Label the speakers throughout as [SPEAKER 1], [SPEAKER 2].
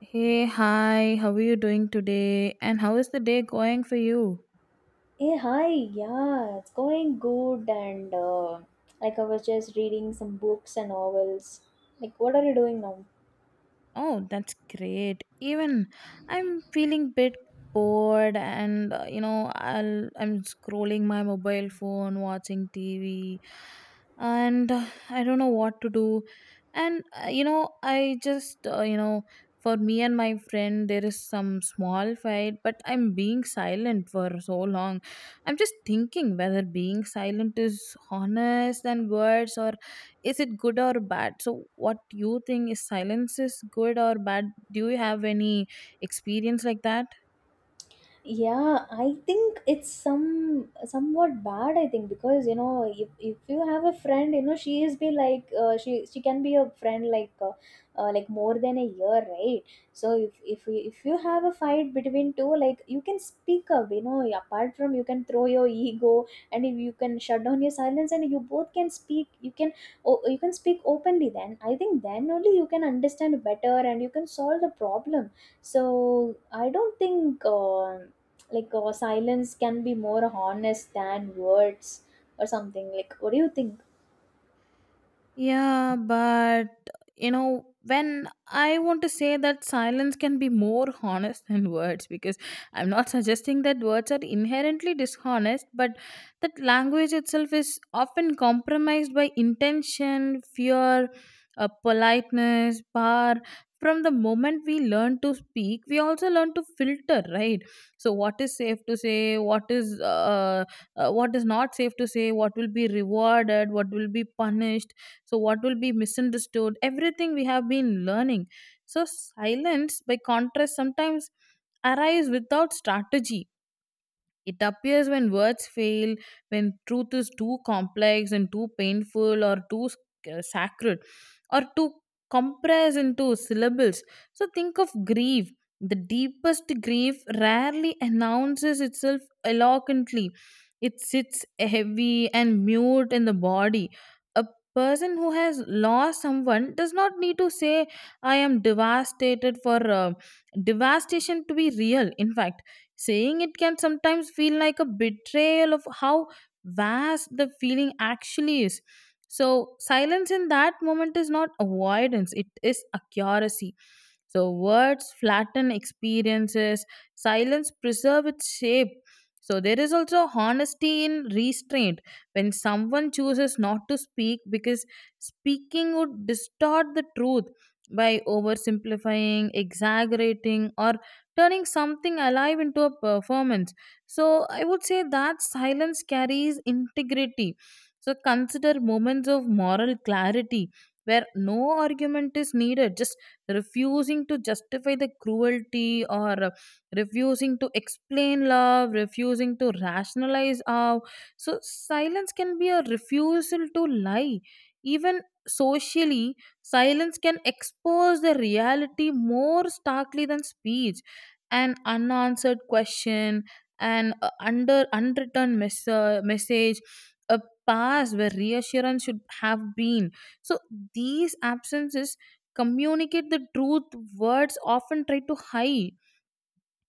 [SPEAKER 1] Hey, hi, how are you doing today? And how is the day going for you?
[SPEAKER 2] Hey, hi, yeah, it's going good. And like I was just reading some books and novels. Like, what are you doing now?
[SPEAKER 1] Oh, that's great. Even I'm feeling bit bored and I'm scrolling my mobile phone, watching TV and I don't know what to do. And you know, I just you know, For me and my friend there is some small fight, but I'm being silent for so long. I'm just thinking whether being silent is honest and words, or is it good or bad? So what do you think, is silence is good or bad? Do you have any experience like that?
[SPEAKER 2] Yeah, I think it's somewhat bad. I think because you know if you have a friend, you know she is be she can be a friend like more than a year, right? So if you have a fight between two, like you can speak up. You know, apart from you can throw your ego, and if you can shut down your silence, and you both can speak. You can, oh, you can speak openly. Then I think then only you can understand better and you can solve the problem. So I don't think silence can be more honest than words or something. Like, what do you think?
[SPEAKER 1] Yeah, but you know, when I want to say that silence can be more honest than words, because I'm not suggesting that words are inherently dishonest, but that language itself is often compromised by intention, fear, politeness, bar. From the moment we learn to speak, we also learn to filter, right? So, what is safe to say? What is not safe to say? What will be rewarded? What will be punished? So what will be misunderstood? Everything we have been learning. So silence, by contrast, sometimes arise without strategy. It appears when words fail, when truth is too complex and too painful, or too sacred, or too compressed into syllables. So think of grief. The deepest grief rarely announces itself eloquently. It sits heavy and mute in the body. A person who has lost someone does not need to say, I am devastated, for devastation to be real. In fact, saying it can sometimes feel like a betrayal of how vast the feeling actually is. So, silence in that moment is not avoidance, it is accuracy. So words flatten experiences, silence preserve its shape. So there is also honesty in restraint, when someone chooses not to speak because speaking would distort the truth by oversimplifying, exaggerating, or turning something alive into a performance. So I would say that silence carries integrity. So consider moments of moral clarity where no argument is needed, just refusing to justify the cruelty, or refusing to explain love, refusing to rationalize how. So silence can be a refusal to lie. Even socially, silence can expose the reality more starkly than speech. An unanswered question, an message, a past where reassurance should have been. So these absences communicate the truth words often try to hide.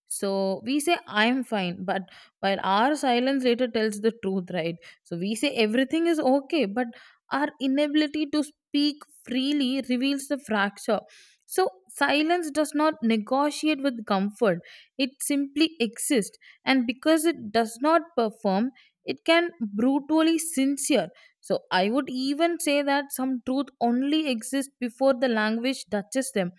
[SPEAKER 1] So we say, I'm fine, but while our silence later tells the truth, right? So we say everything is okay, but our inability to speak freely reveals the fracture. So silence does not negotiate with comfort, it simply exists. And because it does not perform, it can brutally sincere. So I would even say that some truth only exists before the language touches them,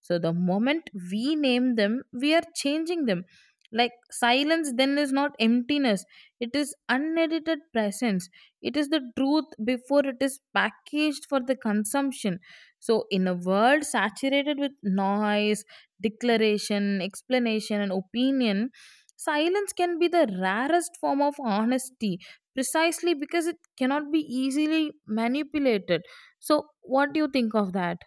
[SPEAKER 1] so the moment we name them, we are changing them. Like silence then is not emptiness, it is unedited presence. It is the truth before it is packaged for the consumption. So, in a world saturated with noise, declaration, explanation, and opinion, silence can be the rarest form of honesty, precisely because it cannot be easily manipulated. So, what do you think of that?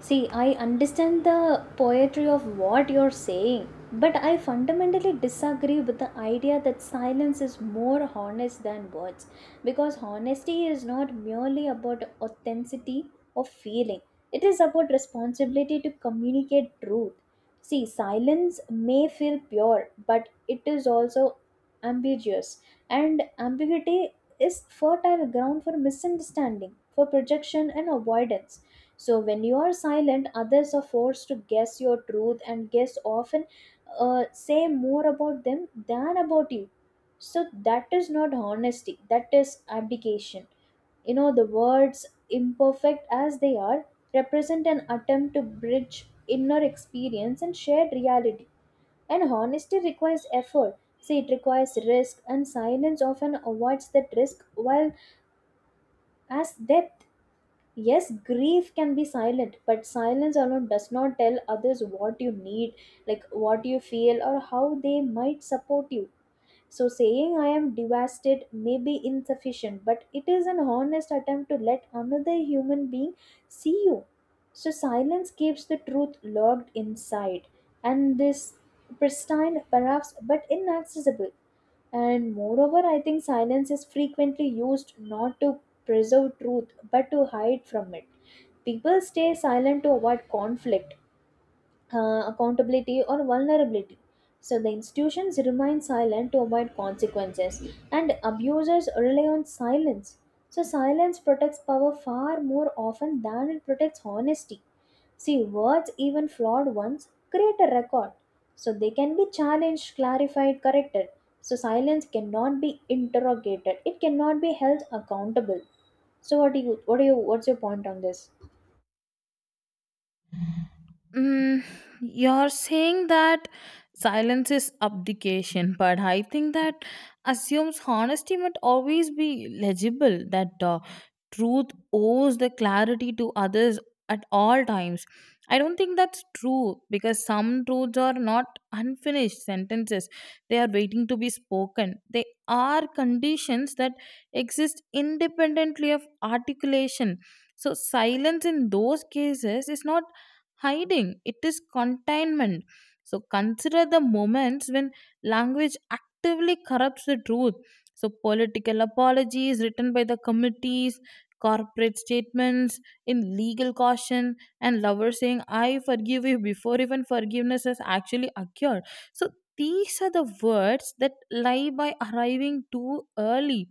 [SPEAKER 2] See, I understand the poetry of what you're saying, but I fundamentally disagree with the idea that silence is more honest than words because honesty is not merely about authenticity or feeling, it is about responsibility to communicate truth. See, silence may feel pure, but it is also ambiguous, and ambiguity is fertile ground for misunderstanding, for projection, and avoidance. So when you are silent, others are forced to guess your truth, and guess often say more about them than about you. So that is not honesty, that is abdication. You know, the words, imperfect as they are, represent an attempt to bridge inner experience and shared reality. And honesty requires effort. See, it requires risk, and silence often avoids that risk, while as depth, yes, grief can be silent, but silence alone does not tell others what you need, like what you feel or how they might support you. So saying I am devastated may be insufficient, but it is an honest attempt to let another human being see you. So silence keeps the truth locked inside, and this pristine, perhaps, but inaccessible. And moreover, I think silence is frequently used not to preserve truth but to hide from it. People stay silent to avoid conflict, accountability or vulnerability. So the institutions remain silent to avoid consequences, and abusers rely on silence. So silence protects power far more often than it protects honesty. See, words, even flawed ones, create a record. So they can be challenged, clarified, corrected. So silence cannot be interrogated. It cannot be held accountable. So what's your point on this?
[SPEAKER 1] Mm, you're saying that silence is abdication, but I think that assumes honesty must always be legible, that truth owes the clarity to others at all times. I don't think that's true, because some truths are not unfinished sentences. They are waiting to be spoken. They are conditions that exist independently of articulation. So, silence in those cases is not hiding, it is containment. So consider the moments when language actively corrupts the truth. So political apologies written by the committees, corporate statements in legal caution, and lovers saying, I forgive you, before even forgiveness has actually occurred. So these are the words that lie by arriving too early.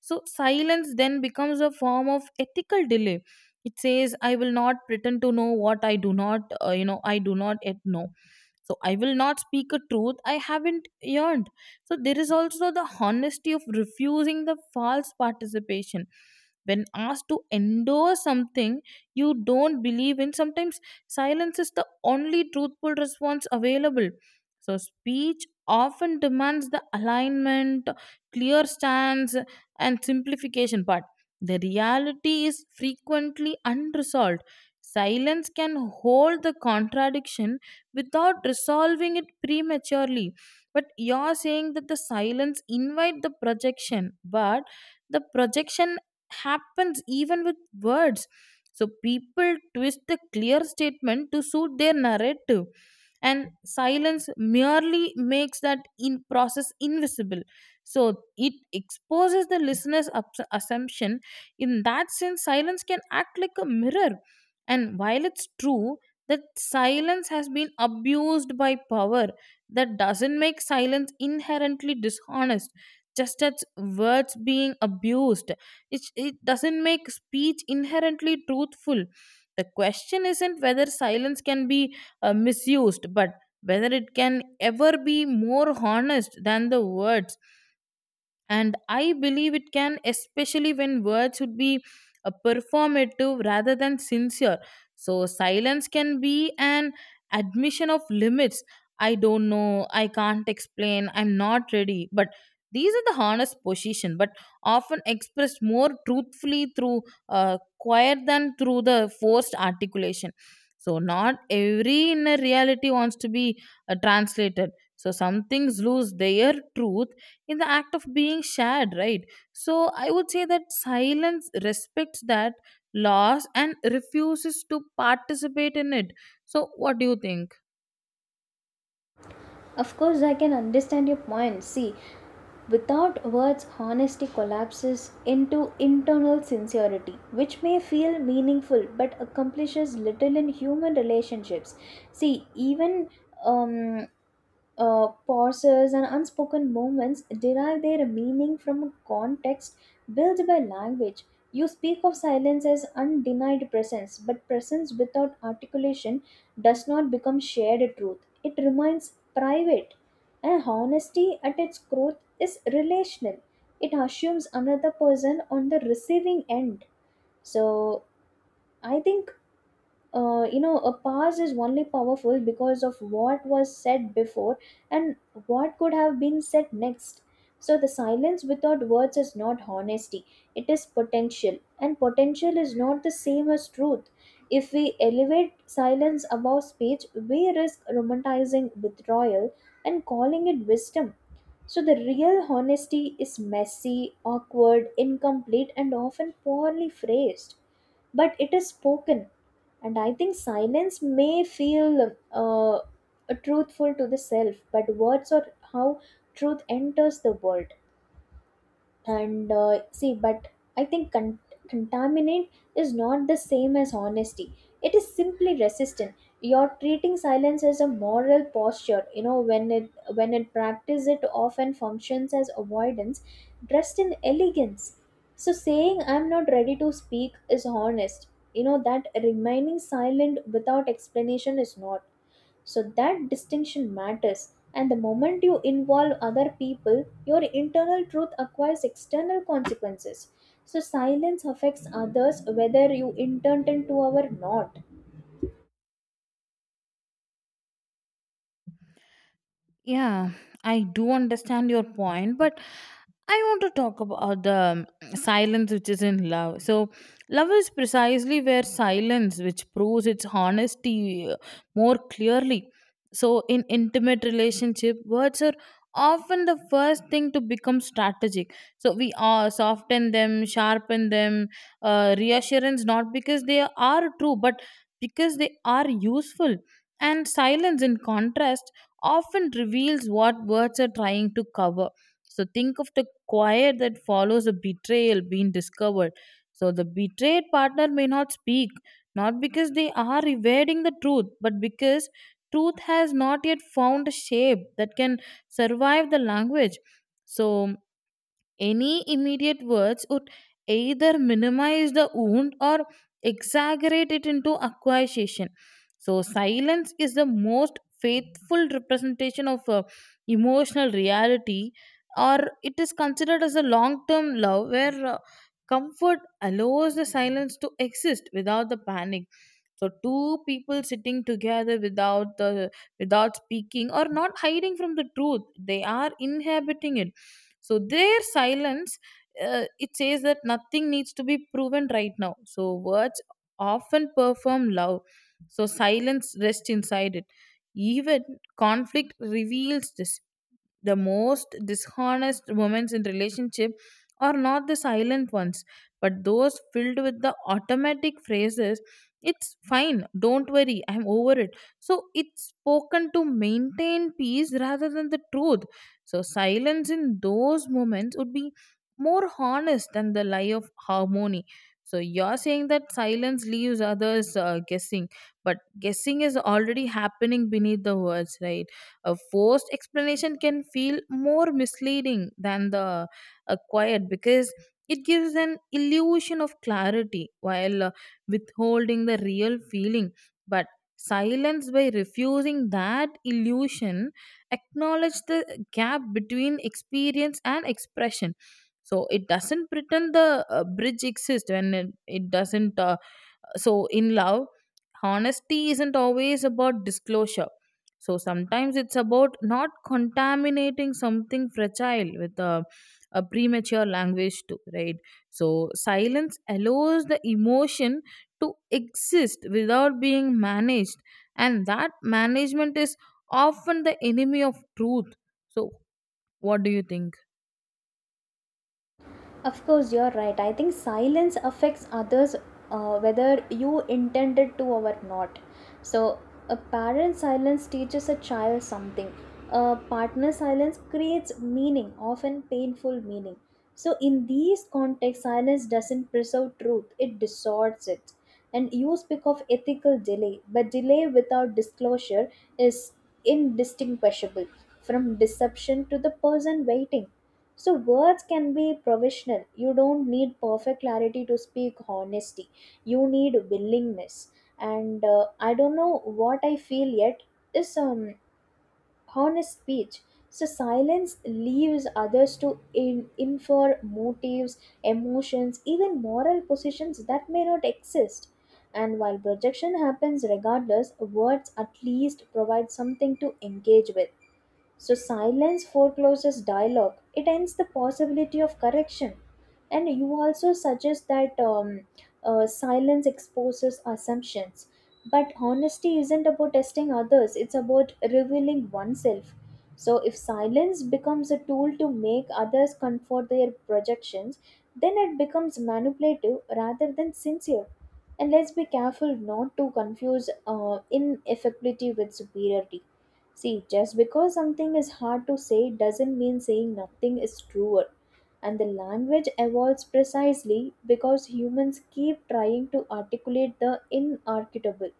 [SPEAKER 1] So silence then becomes a form of ethical delay. It says, I will not pretend to know what I do not I do not yet know. So I will not speak a truth I haven't yearned. So there is also the honesty of refusing the false participation. When asked to endorse something you don't believe in, sometimes silence is the only truthful response available. So speech often demands the alignment, clear stance and simplification, but the reality is frequently unresolved. Silence can hold the contradiction without resolving it prematurely. But you're saying that the silence invite the projection, but the projection happens even with words. So people twist the clear statement to suit their narrative, and silence merely makes that in process invisible. So it exposes the assumption. In that sense, silence can act like a mirror. And while it's true that silence has been abused by power, that doesn't make silence inherently dishonest, just as words being abused. It doesn't make speech inherently truthful. The question isn't whether silence can be misused, but whether it can ever be more honest than the words. And I believe it can, especially when words would be performative rather than sincere. So silence can be an admission of limits. I don't know, I can't explain, I'm not ready, but these are the honest position, but often expressed more truthfully through quiet than through the forced articulation. So not every inner reality wants to be translated. So some things lose their truth in the act of being shared, right? So I would say that silence respects that loss and refuses to participate in it. So what do you think?
[SPEAKER 2] Of course, I can understand your point. See, without words, honesty collapses into internal sincerity, which may feel meaningful but accomplishes little in human relationships. See, even um, pauses and unspoken moments derive their meaning from a context built by language. You speak of silence as undenied presence, but presence without articulation does not become shared truth. It remains private. And honesty at its core is relational, it assumes another person on the receiving end. So, I think you know, a past is only powerful because of what was said before and what could have been said next. So the silence without words is not honesty, it is potential, and potential is not the same as truth. If we elevate silence above speech, we risk romanticizing withdrawal and calling it wisdom. So the real honesty is messy, awkward, incomplete and often poorly phrased, but it is spoken. And I think silence may feel truthful to the self, but words are how truth enters the world. And See, but I think contaminant is not the same as honesty, it is simply resistant. You're treating silence as a moral posture, you know, when it practice it often functions as avoidance dressed in elegance. So saying I'm not ready to speak is honest, you know, that remaining silent without explanation is not. So that distinction matters, and the moment you involve other people, your internal truth acquires external consequences. So silence affects others whether you intend to or not.
[SPEAKER 1] Yeah, I do understand your point, but I want to talk about the silence which is in love. So, love is precisely where silence, which proves its honesty more clearly. So, in intimate relationship, words are often the first thing to become strategic. So, we soften them, sharpen them, reassurance, not because they are true, but because they are useful. And silence, in contrast, often reveals what words are trying to cover. So think of the quiet that follows a betrayal being discovered. So the betrayed partner may not speak, not because they are evading the truth, but because truth has not yet found a shape that can survive the language. So any immediate words would either minimize the wound or exaggerate it into accusation. So, silence is the most faithful representation of emotional reality. Or it is considered as a long term love where comfort allows the silence to exist without the panic. So two people sitting together without speaking, or not hiding from the truth, they are inhabiting it. So their silence, it says that nothing needs to be proven right now. So words often perform love, so silence rests inside it. Even conflict reveals this. The most dishonest moments in relationship are not the silent ones, but those filled with the automatic phrases. It's fine, don't worry, I'm over it. So it's spoken to maintain peace rather than the truth. So silence in those moments would be more honest than the lie of harmony. So you're saying that silence leaves others guessing, but guessing is already happening beneath the words, right? A forced explanation can feel more misleading than the acquired, because it gives an illusion of clarity while withholding the real feeling. But silence, by refusing that illusion, acknowledge the gap between experience and expression. So it doesn't pretend the bridge exists when it doesn't, so, in love, honesty isn't always about disclosure. So, sometimes it's about not contaminating something fragile with a premature language, too, right? So, silence allows the emotion to exist without being managed, and that management is often the enemy of truth. So, what do you think?
[SPEAKER 2] Of course, you're right. I think silence affects others whether you intended to or not. So, a parent's silence teaches a child something. A partner's silence creates meaning, often painful meaning. So, in these contexts, silence doesn't preserve truth, it distorts it. And you speak of ethical delay, but delay without disclosure is indistinguishable from deception to the person waiting. So words can be provisional. You don't need perfect clarity to speak honesty. You need willingness. And I don't know what I feel yet is honest speech. So silence leaves others to in infer motives, emotions, even moral positions that may not exist. And while projection happens regardless, words at least provide something to engage with. So silence forecloses dialogue. It ends the possibility of correction. And you also suggest that silence exposes assumptions. But honesty isn't about testing others, it's about revealing oneself. So if silence becomes a tool to make others comfort their projections, then it becomes manipulative rather than sincere. And let's be careful not to confuse ineffectivity with superiority. See, just because something is hard to say doesn't mean saying nothing is truer. And the language evolves precisely because humans keep trying to articulate the inarticulable.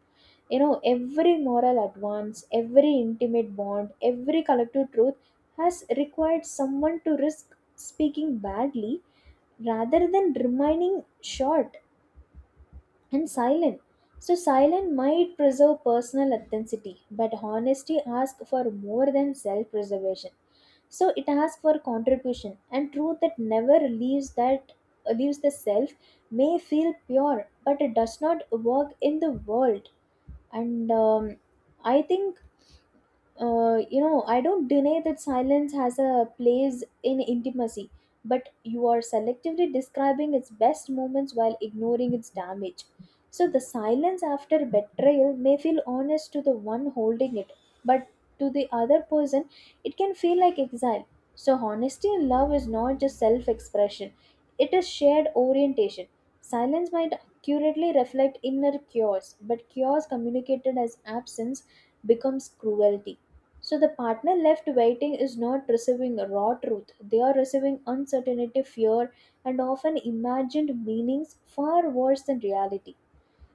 [SPEAKER 2] You know, every moral advance, every intimate bond, every collective truth has required someone to risk speaking badly rather than remaining short and silent. So, silent might preserve personal authenticity, but honesty asks for more than self preservation. So, it asks for contribution, and truth that never leaves that leaves the self may feel pure, but it does not work in the world. And I think you know, I don't deny that silence has a place in intimacy, but you are selectively describing its best moments while ignoring its damage. So the silence after betrayal may feel honest to the one holding it, but to the other person, it can feel like exile. So honesty in love is not just self-expression; it is shared orientation. Silence might accurately reflect inner chaos, but chaos communicated as absence becomes cruelty. So the partner left waiting is not receiving raw truth. They are receiving uncertainty, fear, and often imagined meanings far worse than reality.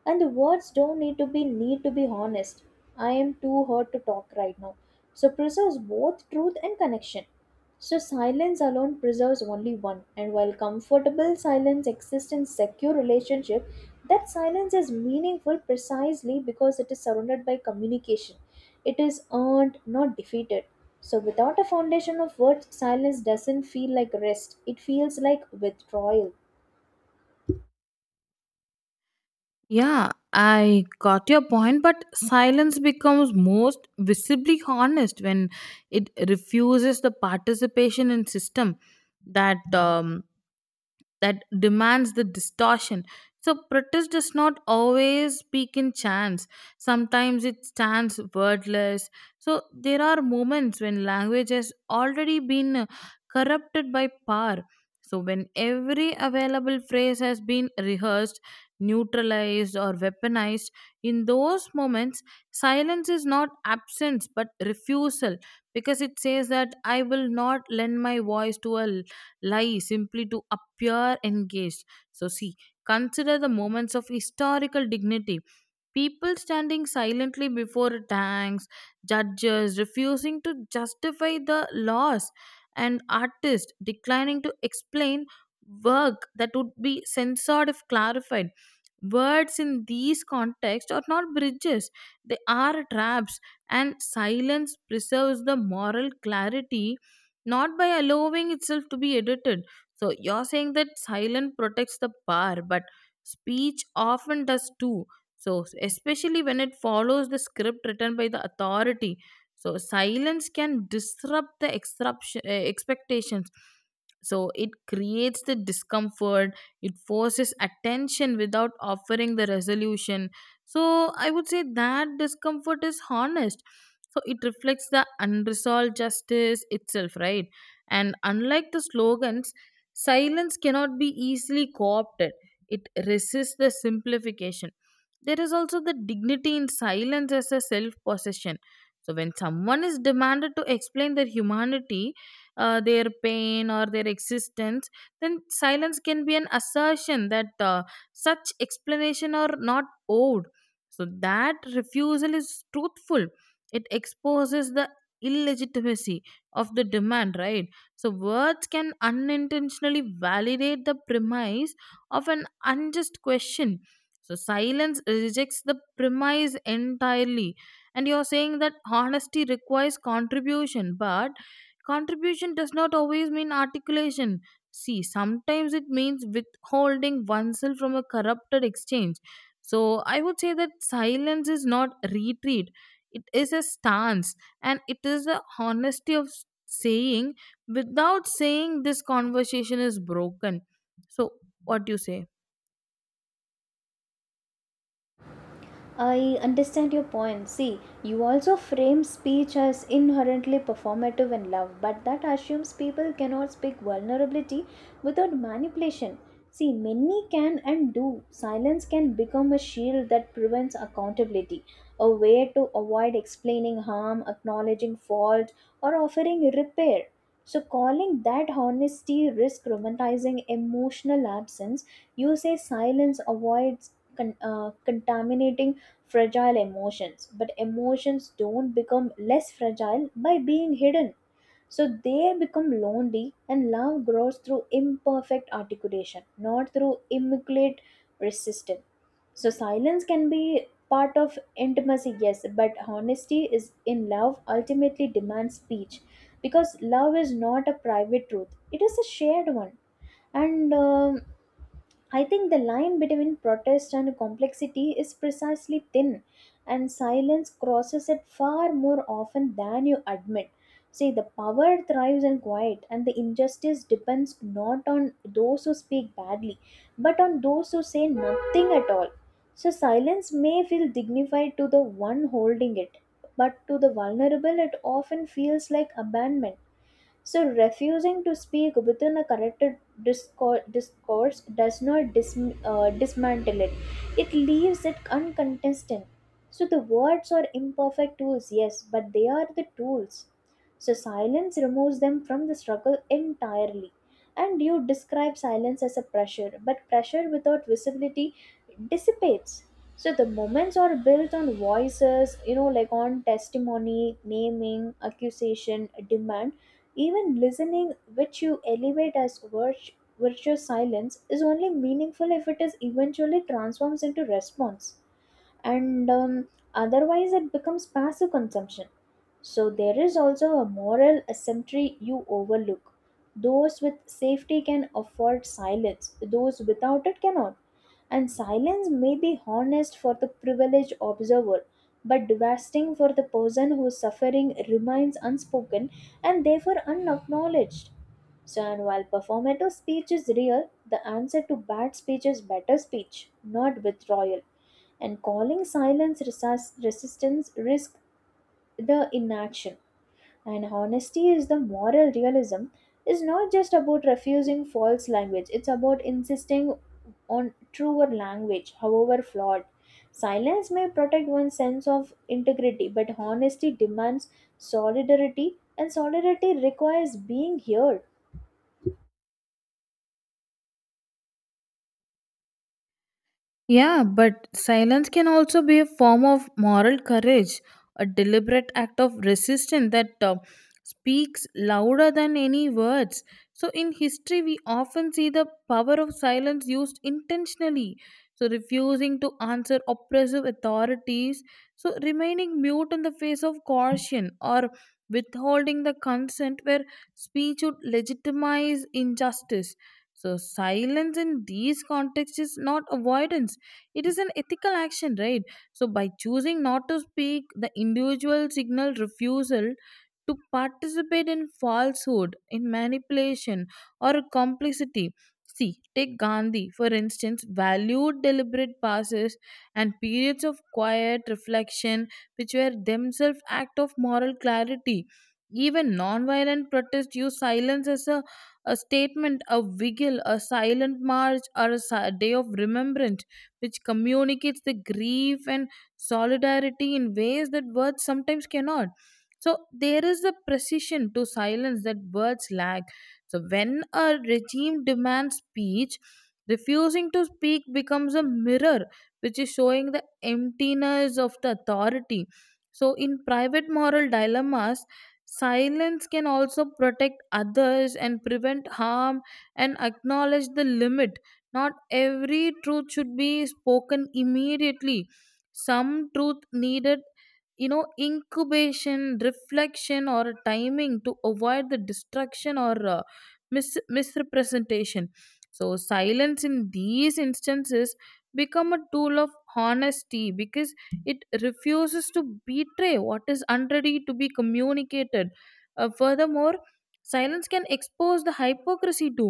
[SPEAKER 2] And the words don't need to be honest. I am too hurt to talk right now, so preserves both truth and connection. So silence alone preserves only one. And while comfortable silence exists in secure relationship, that silence is meaningful precisely because it is surrounded by communication, it is earned, not defeated. So without a foundation of words, silence doesn't feel like rest, it feels like withdrawal.
[SPEAKER 1] Yeah, I got your point, but silence becomes most visibly honest when it refuses the participation in system that that demands the distortion. So protest does not always speak in chants. Sometimes it stands wordless. So there are moments when language has already been corrupted by power. So when every available phrase has been rehearsed, neutralized or weaponized, in those moments silence is not absence but refusal, because it says that I will not lend my voice to a lie simply to appear engaged. So, see, consider the moments of historical dignity. People standing silently before tanks, judges refusing to justify the loss, and artists declining to explain work that would be censored if clarified. Words in these contexts are not bridges, they are traps, and silence preserves the moral clarity not by allowing itself to be edited. So, you're saying that silence protects the power, but speech often does too. So, especially when it follows the script written by the authority. So, silence can disrupt the expectations. So, it creates the discomfort, it forces attention without offering the resolution. So, I would say that discomfort is honest. So it reflects the unresolved justice itself, right? And unlike the slogans, silence cannot be easily co-opted. It resists the simplification. There is also the dignity in silence as a self possession. So when someone is demanded to explain their humanity, their pain or their existence, then silence can be an assertion that such explanation are not owed. So that refusal is truthful. It exposes the illegitimacy of the demand, right? So words can unintentionally validate the premise of an unjust question. So silence rejects the premise entirely. And you're saying that honesty requires contribution, but contribution does not always mean articulation. See, sometimes it means withholding oneself from a corrupted exchange. So I would say that silence is not retreat, it is a stance, and it is the honesty of saying without saying this conversation is broken. So, what do you say?
[SPEAKER 2] I understand your point. See, you also frame speech as inherently performative in love, but that assumes people cannot speak vulnerability without manipulation. See, many can and do. Silence can become a shield that prevents accountability, a way to avoid explaining harm, acknowledging fault, or offering repair. So, calling that honesty risk romanticizing emotional absence. You say silence avoids contaminating fragile emotions, but emotions don't become less fragile by being hidden, so they become lonely. And love grows through imperfect articulation, not through immaculate resistance. So silence can be part of intimacy, yes, but honesty is in love ultimately demands speech, because love is not a private truth, it is a shared one. And I think the line between protest and complexity is precisely thin, and silence crosses it far more often than you admit. See, the power thrives in quiet, and the injustice depends not on those who speak badly, but on those who say nothing at all. So, silence may feel dignified to the one holding it, but to the vulnerable, it often feels like abandonment. So, refusing to speak within a discourse does not dismantle it, it leaves it uncontested. So, the words are imperfect tools, yes, but they are the tools. So, silence removes them from the struggle entirely. And you describe silence as a pressure, but pressure without visibility dissipates. So, the moments are built on voices, you know, like on testimony, naming, accusation, demand. Even listening, which you elevate as virtuous silence, is only meaningful if it is eventually transforms into response, and otherwise it becomes passive consumption. So there is also a moral asymmetry you overlook. Those with safety can afford silence, those without it cannot. And silence may be honest for the privileged observer, but devastating for the person whose suffering remains unspoken and therefore unacknowledged. So, and while performative speech is real, the answer to bad speech is better speech, not withdrawal. And calling silence resistance risk the inaction. And honesty is the moral realism is not just about refusing false language, it's about insisting on truer language, however flawed. Silence may protect one's sense of integrity, but honesty demands solidarity, and solidarity requires being heard.
[SPEAKER 1] Yeah, but silence can also be a form of moral courage, a deliberate act of resistance that speaks louder than any words. So, in history, we often see the power of silence used intentionally. So, refusing to answer oppressive authorities, so remaining mute in the face of caution, or withholding the consent where speech would legitimize injustice. So, silence in these contexts is not avoidance, it is an ethical action, right? So, by choosing not to speak, the individual signal refusal to participate in falsehood, in manipulation, or complicity. See, take Gandhi, for instance, valued deliberate pauses and periods of quiet reflection, which were themselves acts of moral clarity. Even nonviolent protest used silence as a statement, a vigil, a silent march, or a day of remembrance, which communicates the grief and solidarity in ways that words sometimes cannot. So there is a precision to silence that words lack. So when a regime demands speech, refusing to speak becomes a mirror which is showing the emptiness of the authority. So in private moral dilemmas, silence can also protect others and prevent harm and acknowledge the limit. Not every truth should be spoken immediately. Some truth needed, you know, incubation, reflection, or timing to avoid the destruction or misrepresentation. So silence in these instances become a tool of honesty because it refuses to betray what is unready to be communicated. Furthermore, silence can expose the hypocrisy too.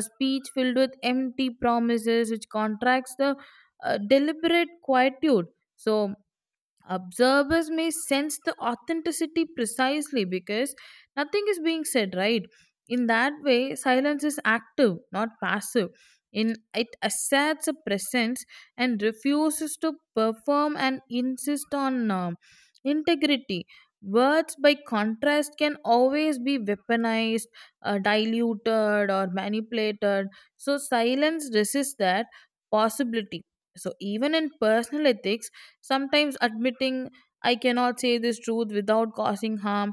[SPEAKER 1] A speech filled with empty promises which contracts the deliberate quietude. So observers may sense the authenticity precisely because nothing is being said, right? In that way silence is active, not passive. In it asserts a presence and refuses to perform and insist on integrity. Words by contrast can always be weaponized, diluted, or manipulated. So silence resists that possibility. So even in personal ethics, sometimes admitting I cannot say this truth without causing harm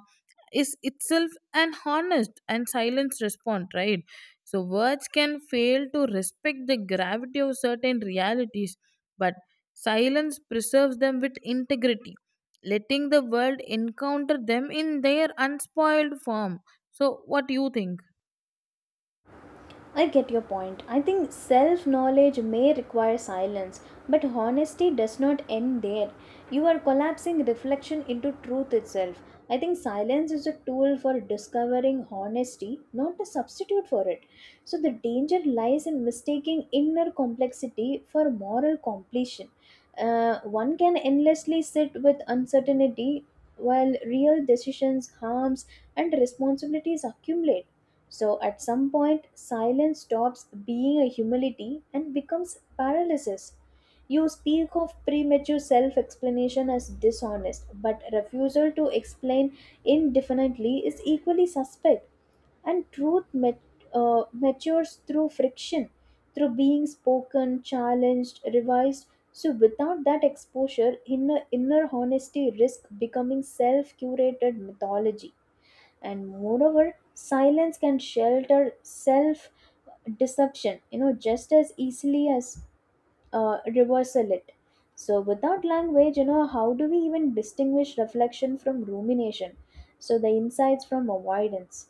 [SPEAKER 1] is itself an honest and silenced response, right? So words can fail to respect the gravity of certain realities, but silence preserves them with integrity, letting the world encounter them in their unspoiled form. So what do you think?
[SPEAKER 2] I get your point. I think self knowledge may require silence, but honesty does not end there. You are collapsing reflection into truth itself. I think silence is a tool for discovering honesty, not a substitute for it. So the danger lies in mistaking inner complexity for moral completion. One can endlessly sit with uncertainty while real decisions, harms, and responsibilities accumulate. So at some point, silence stops being a humility and becomes paralysis. You speak of premature self explanation as dishonest, but refusal to explain indefinitely is equally suspect, and truth matures through friction, through being spoken, challenged, revised. So, without that exposure, inner honesty risks becoming self curated mythology. And moreover silence can shelter self deception, you know, just as easily as reversal it. So without language, you know, how do we even distinguish reflection from rumination, so the insights from avoidance.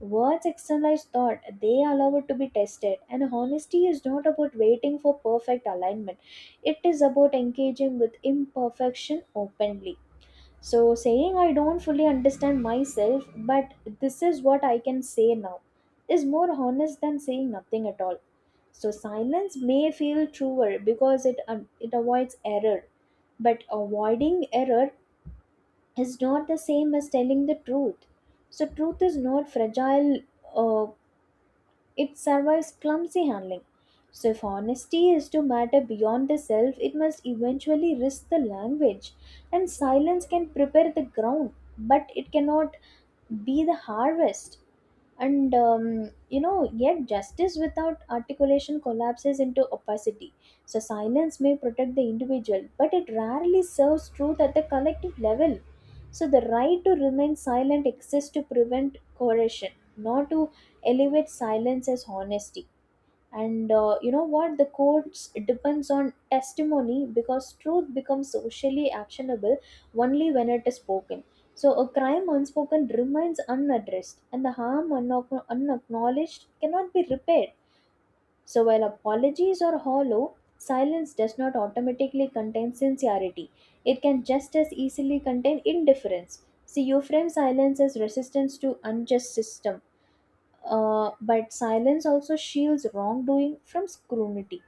[SPEAKER 2] Words externalize thought, they allow it to be tested, and honesty is not about waiting for perfect alignment, it is about engaging with imperfection openly. So, saying I don't fully understand myself, but this is what I can say now, is more honest than saying nothing at all. So, silence may feel truer because it avoids error, but avoiding error is not the same as telling the truth. So, truth is not fragile uh, it survives clumsy handling. So, if honesty is to matter beyond the self, it must eventually risk the language. And silence can prepare the ground, but it cannot be the harvest. And You know, yet justice without articulation collapses into opacity. So silence may protect the individual, but it rarely serves truth at the collective level. So the right to remain silent exists to prevent coercion, not to elevate silence as honesty. And You know what, the courts depends on testimony because truth becomes socially actionable only when it is spoken. So a crime unspoken remains unaddressed, and the harm unacknowledged cannot be repaired. So while apologies are hollow, silence does not automatically contain sincerity, it can just as easily contain indifference. See, you frame silence as resistance to unjust system, but silence also shields wrongdoing from scrutiny.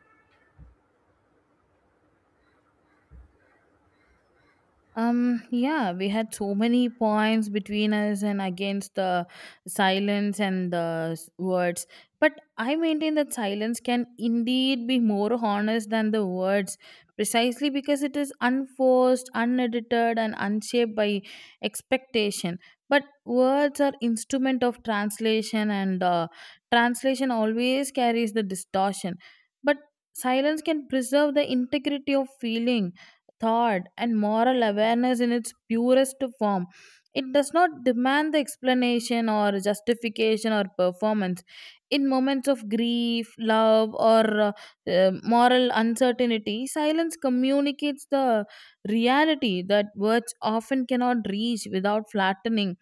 [SPEAKER 1] Yeah, we had so many points between us and against the silence and the words. But I maintain that silence can indeed be more honest than the words, precisely because it is unforced, unedited, and unshaped by expectation. But words are instrument of translation, and translation always carries the distortion. But silence can preserve the integrity of feeling, thought, and moral awareness in its purest form. It does not demand the explanation or justification or performance. In moments of grief, love, or moral uncertainty, silence communicates the reality that words often cannot reach without flattening.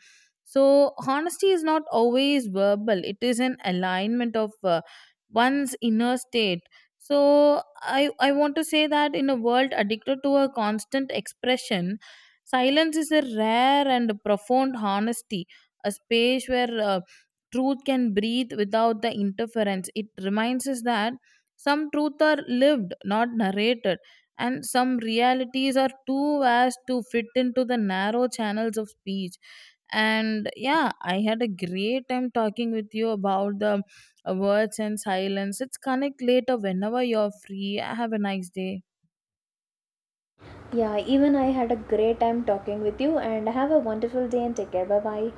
[SPEAKER 1] So, honesty is not always verbal, it is an alignment of one's inner state. So, I want to say that in a world addicted to a constant expression, silence is a rare and profound honesty, a space where truth can breathe without the interference. It reminds us that some truths are lived, not narrated, and some realities are too vast to fit into the narrow channels of speech. And yeah, I had a great time talking with you about the words and silence. Let's connect later whenever you're free. Have a nice day.
[SPEAKER 2] Yeah, even I had a great time talking with you, and have a wonderful day and take care. Bye bye.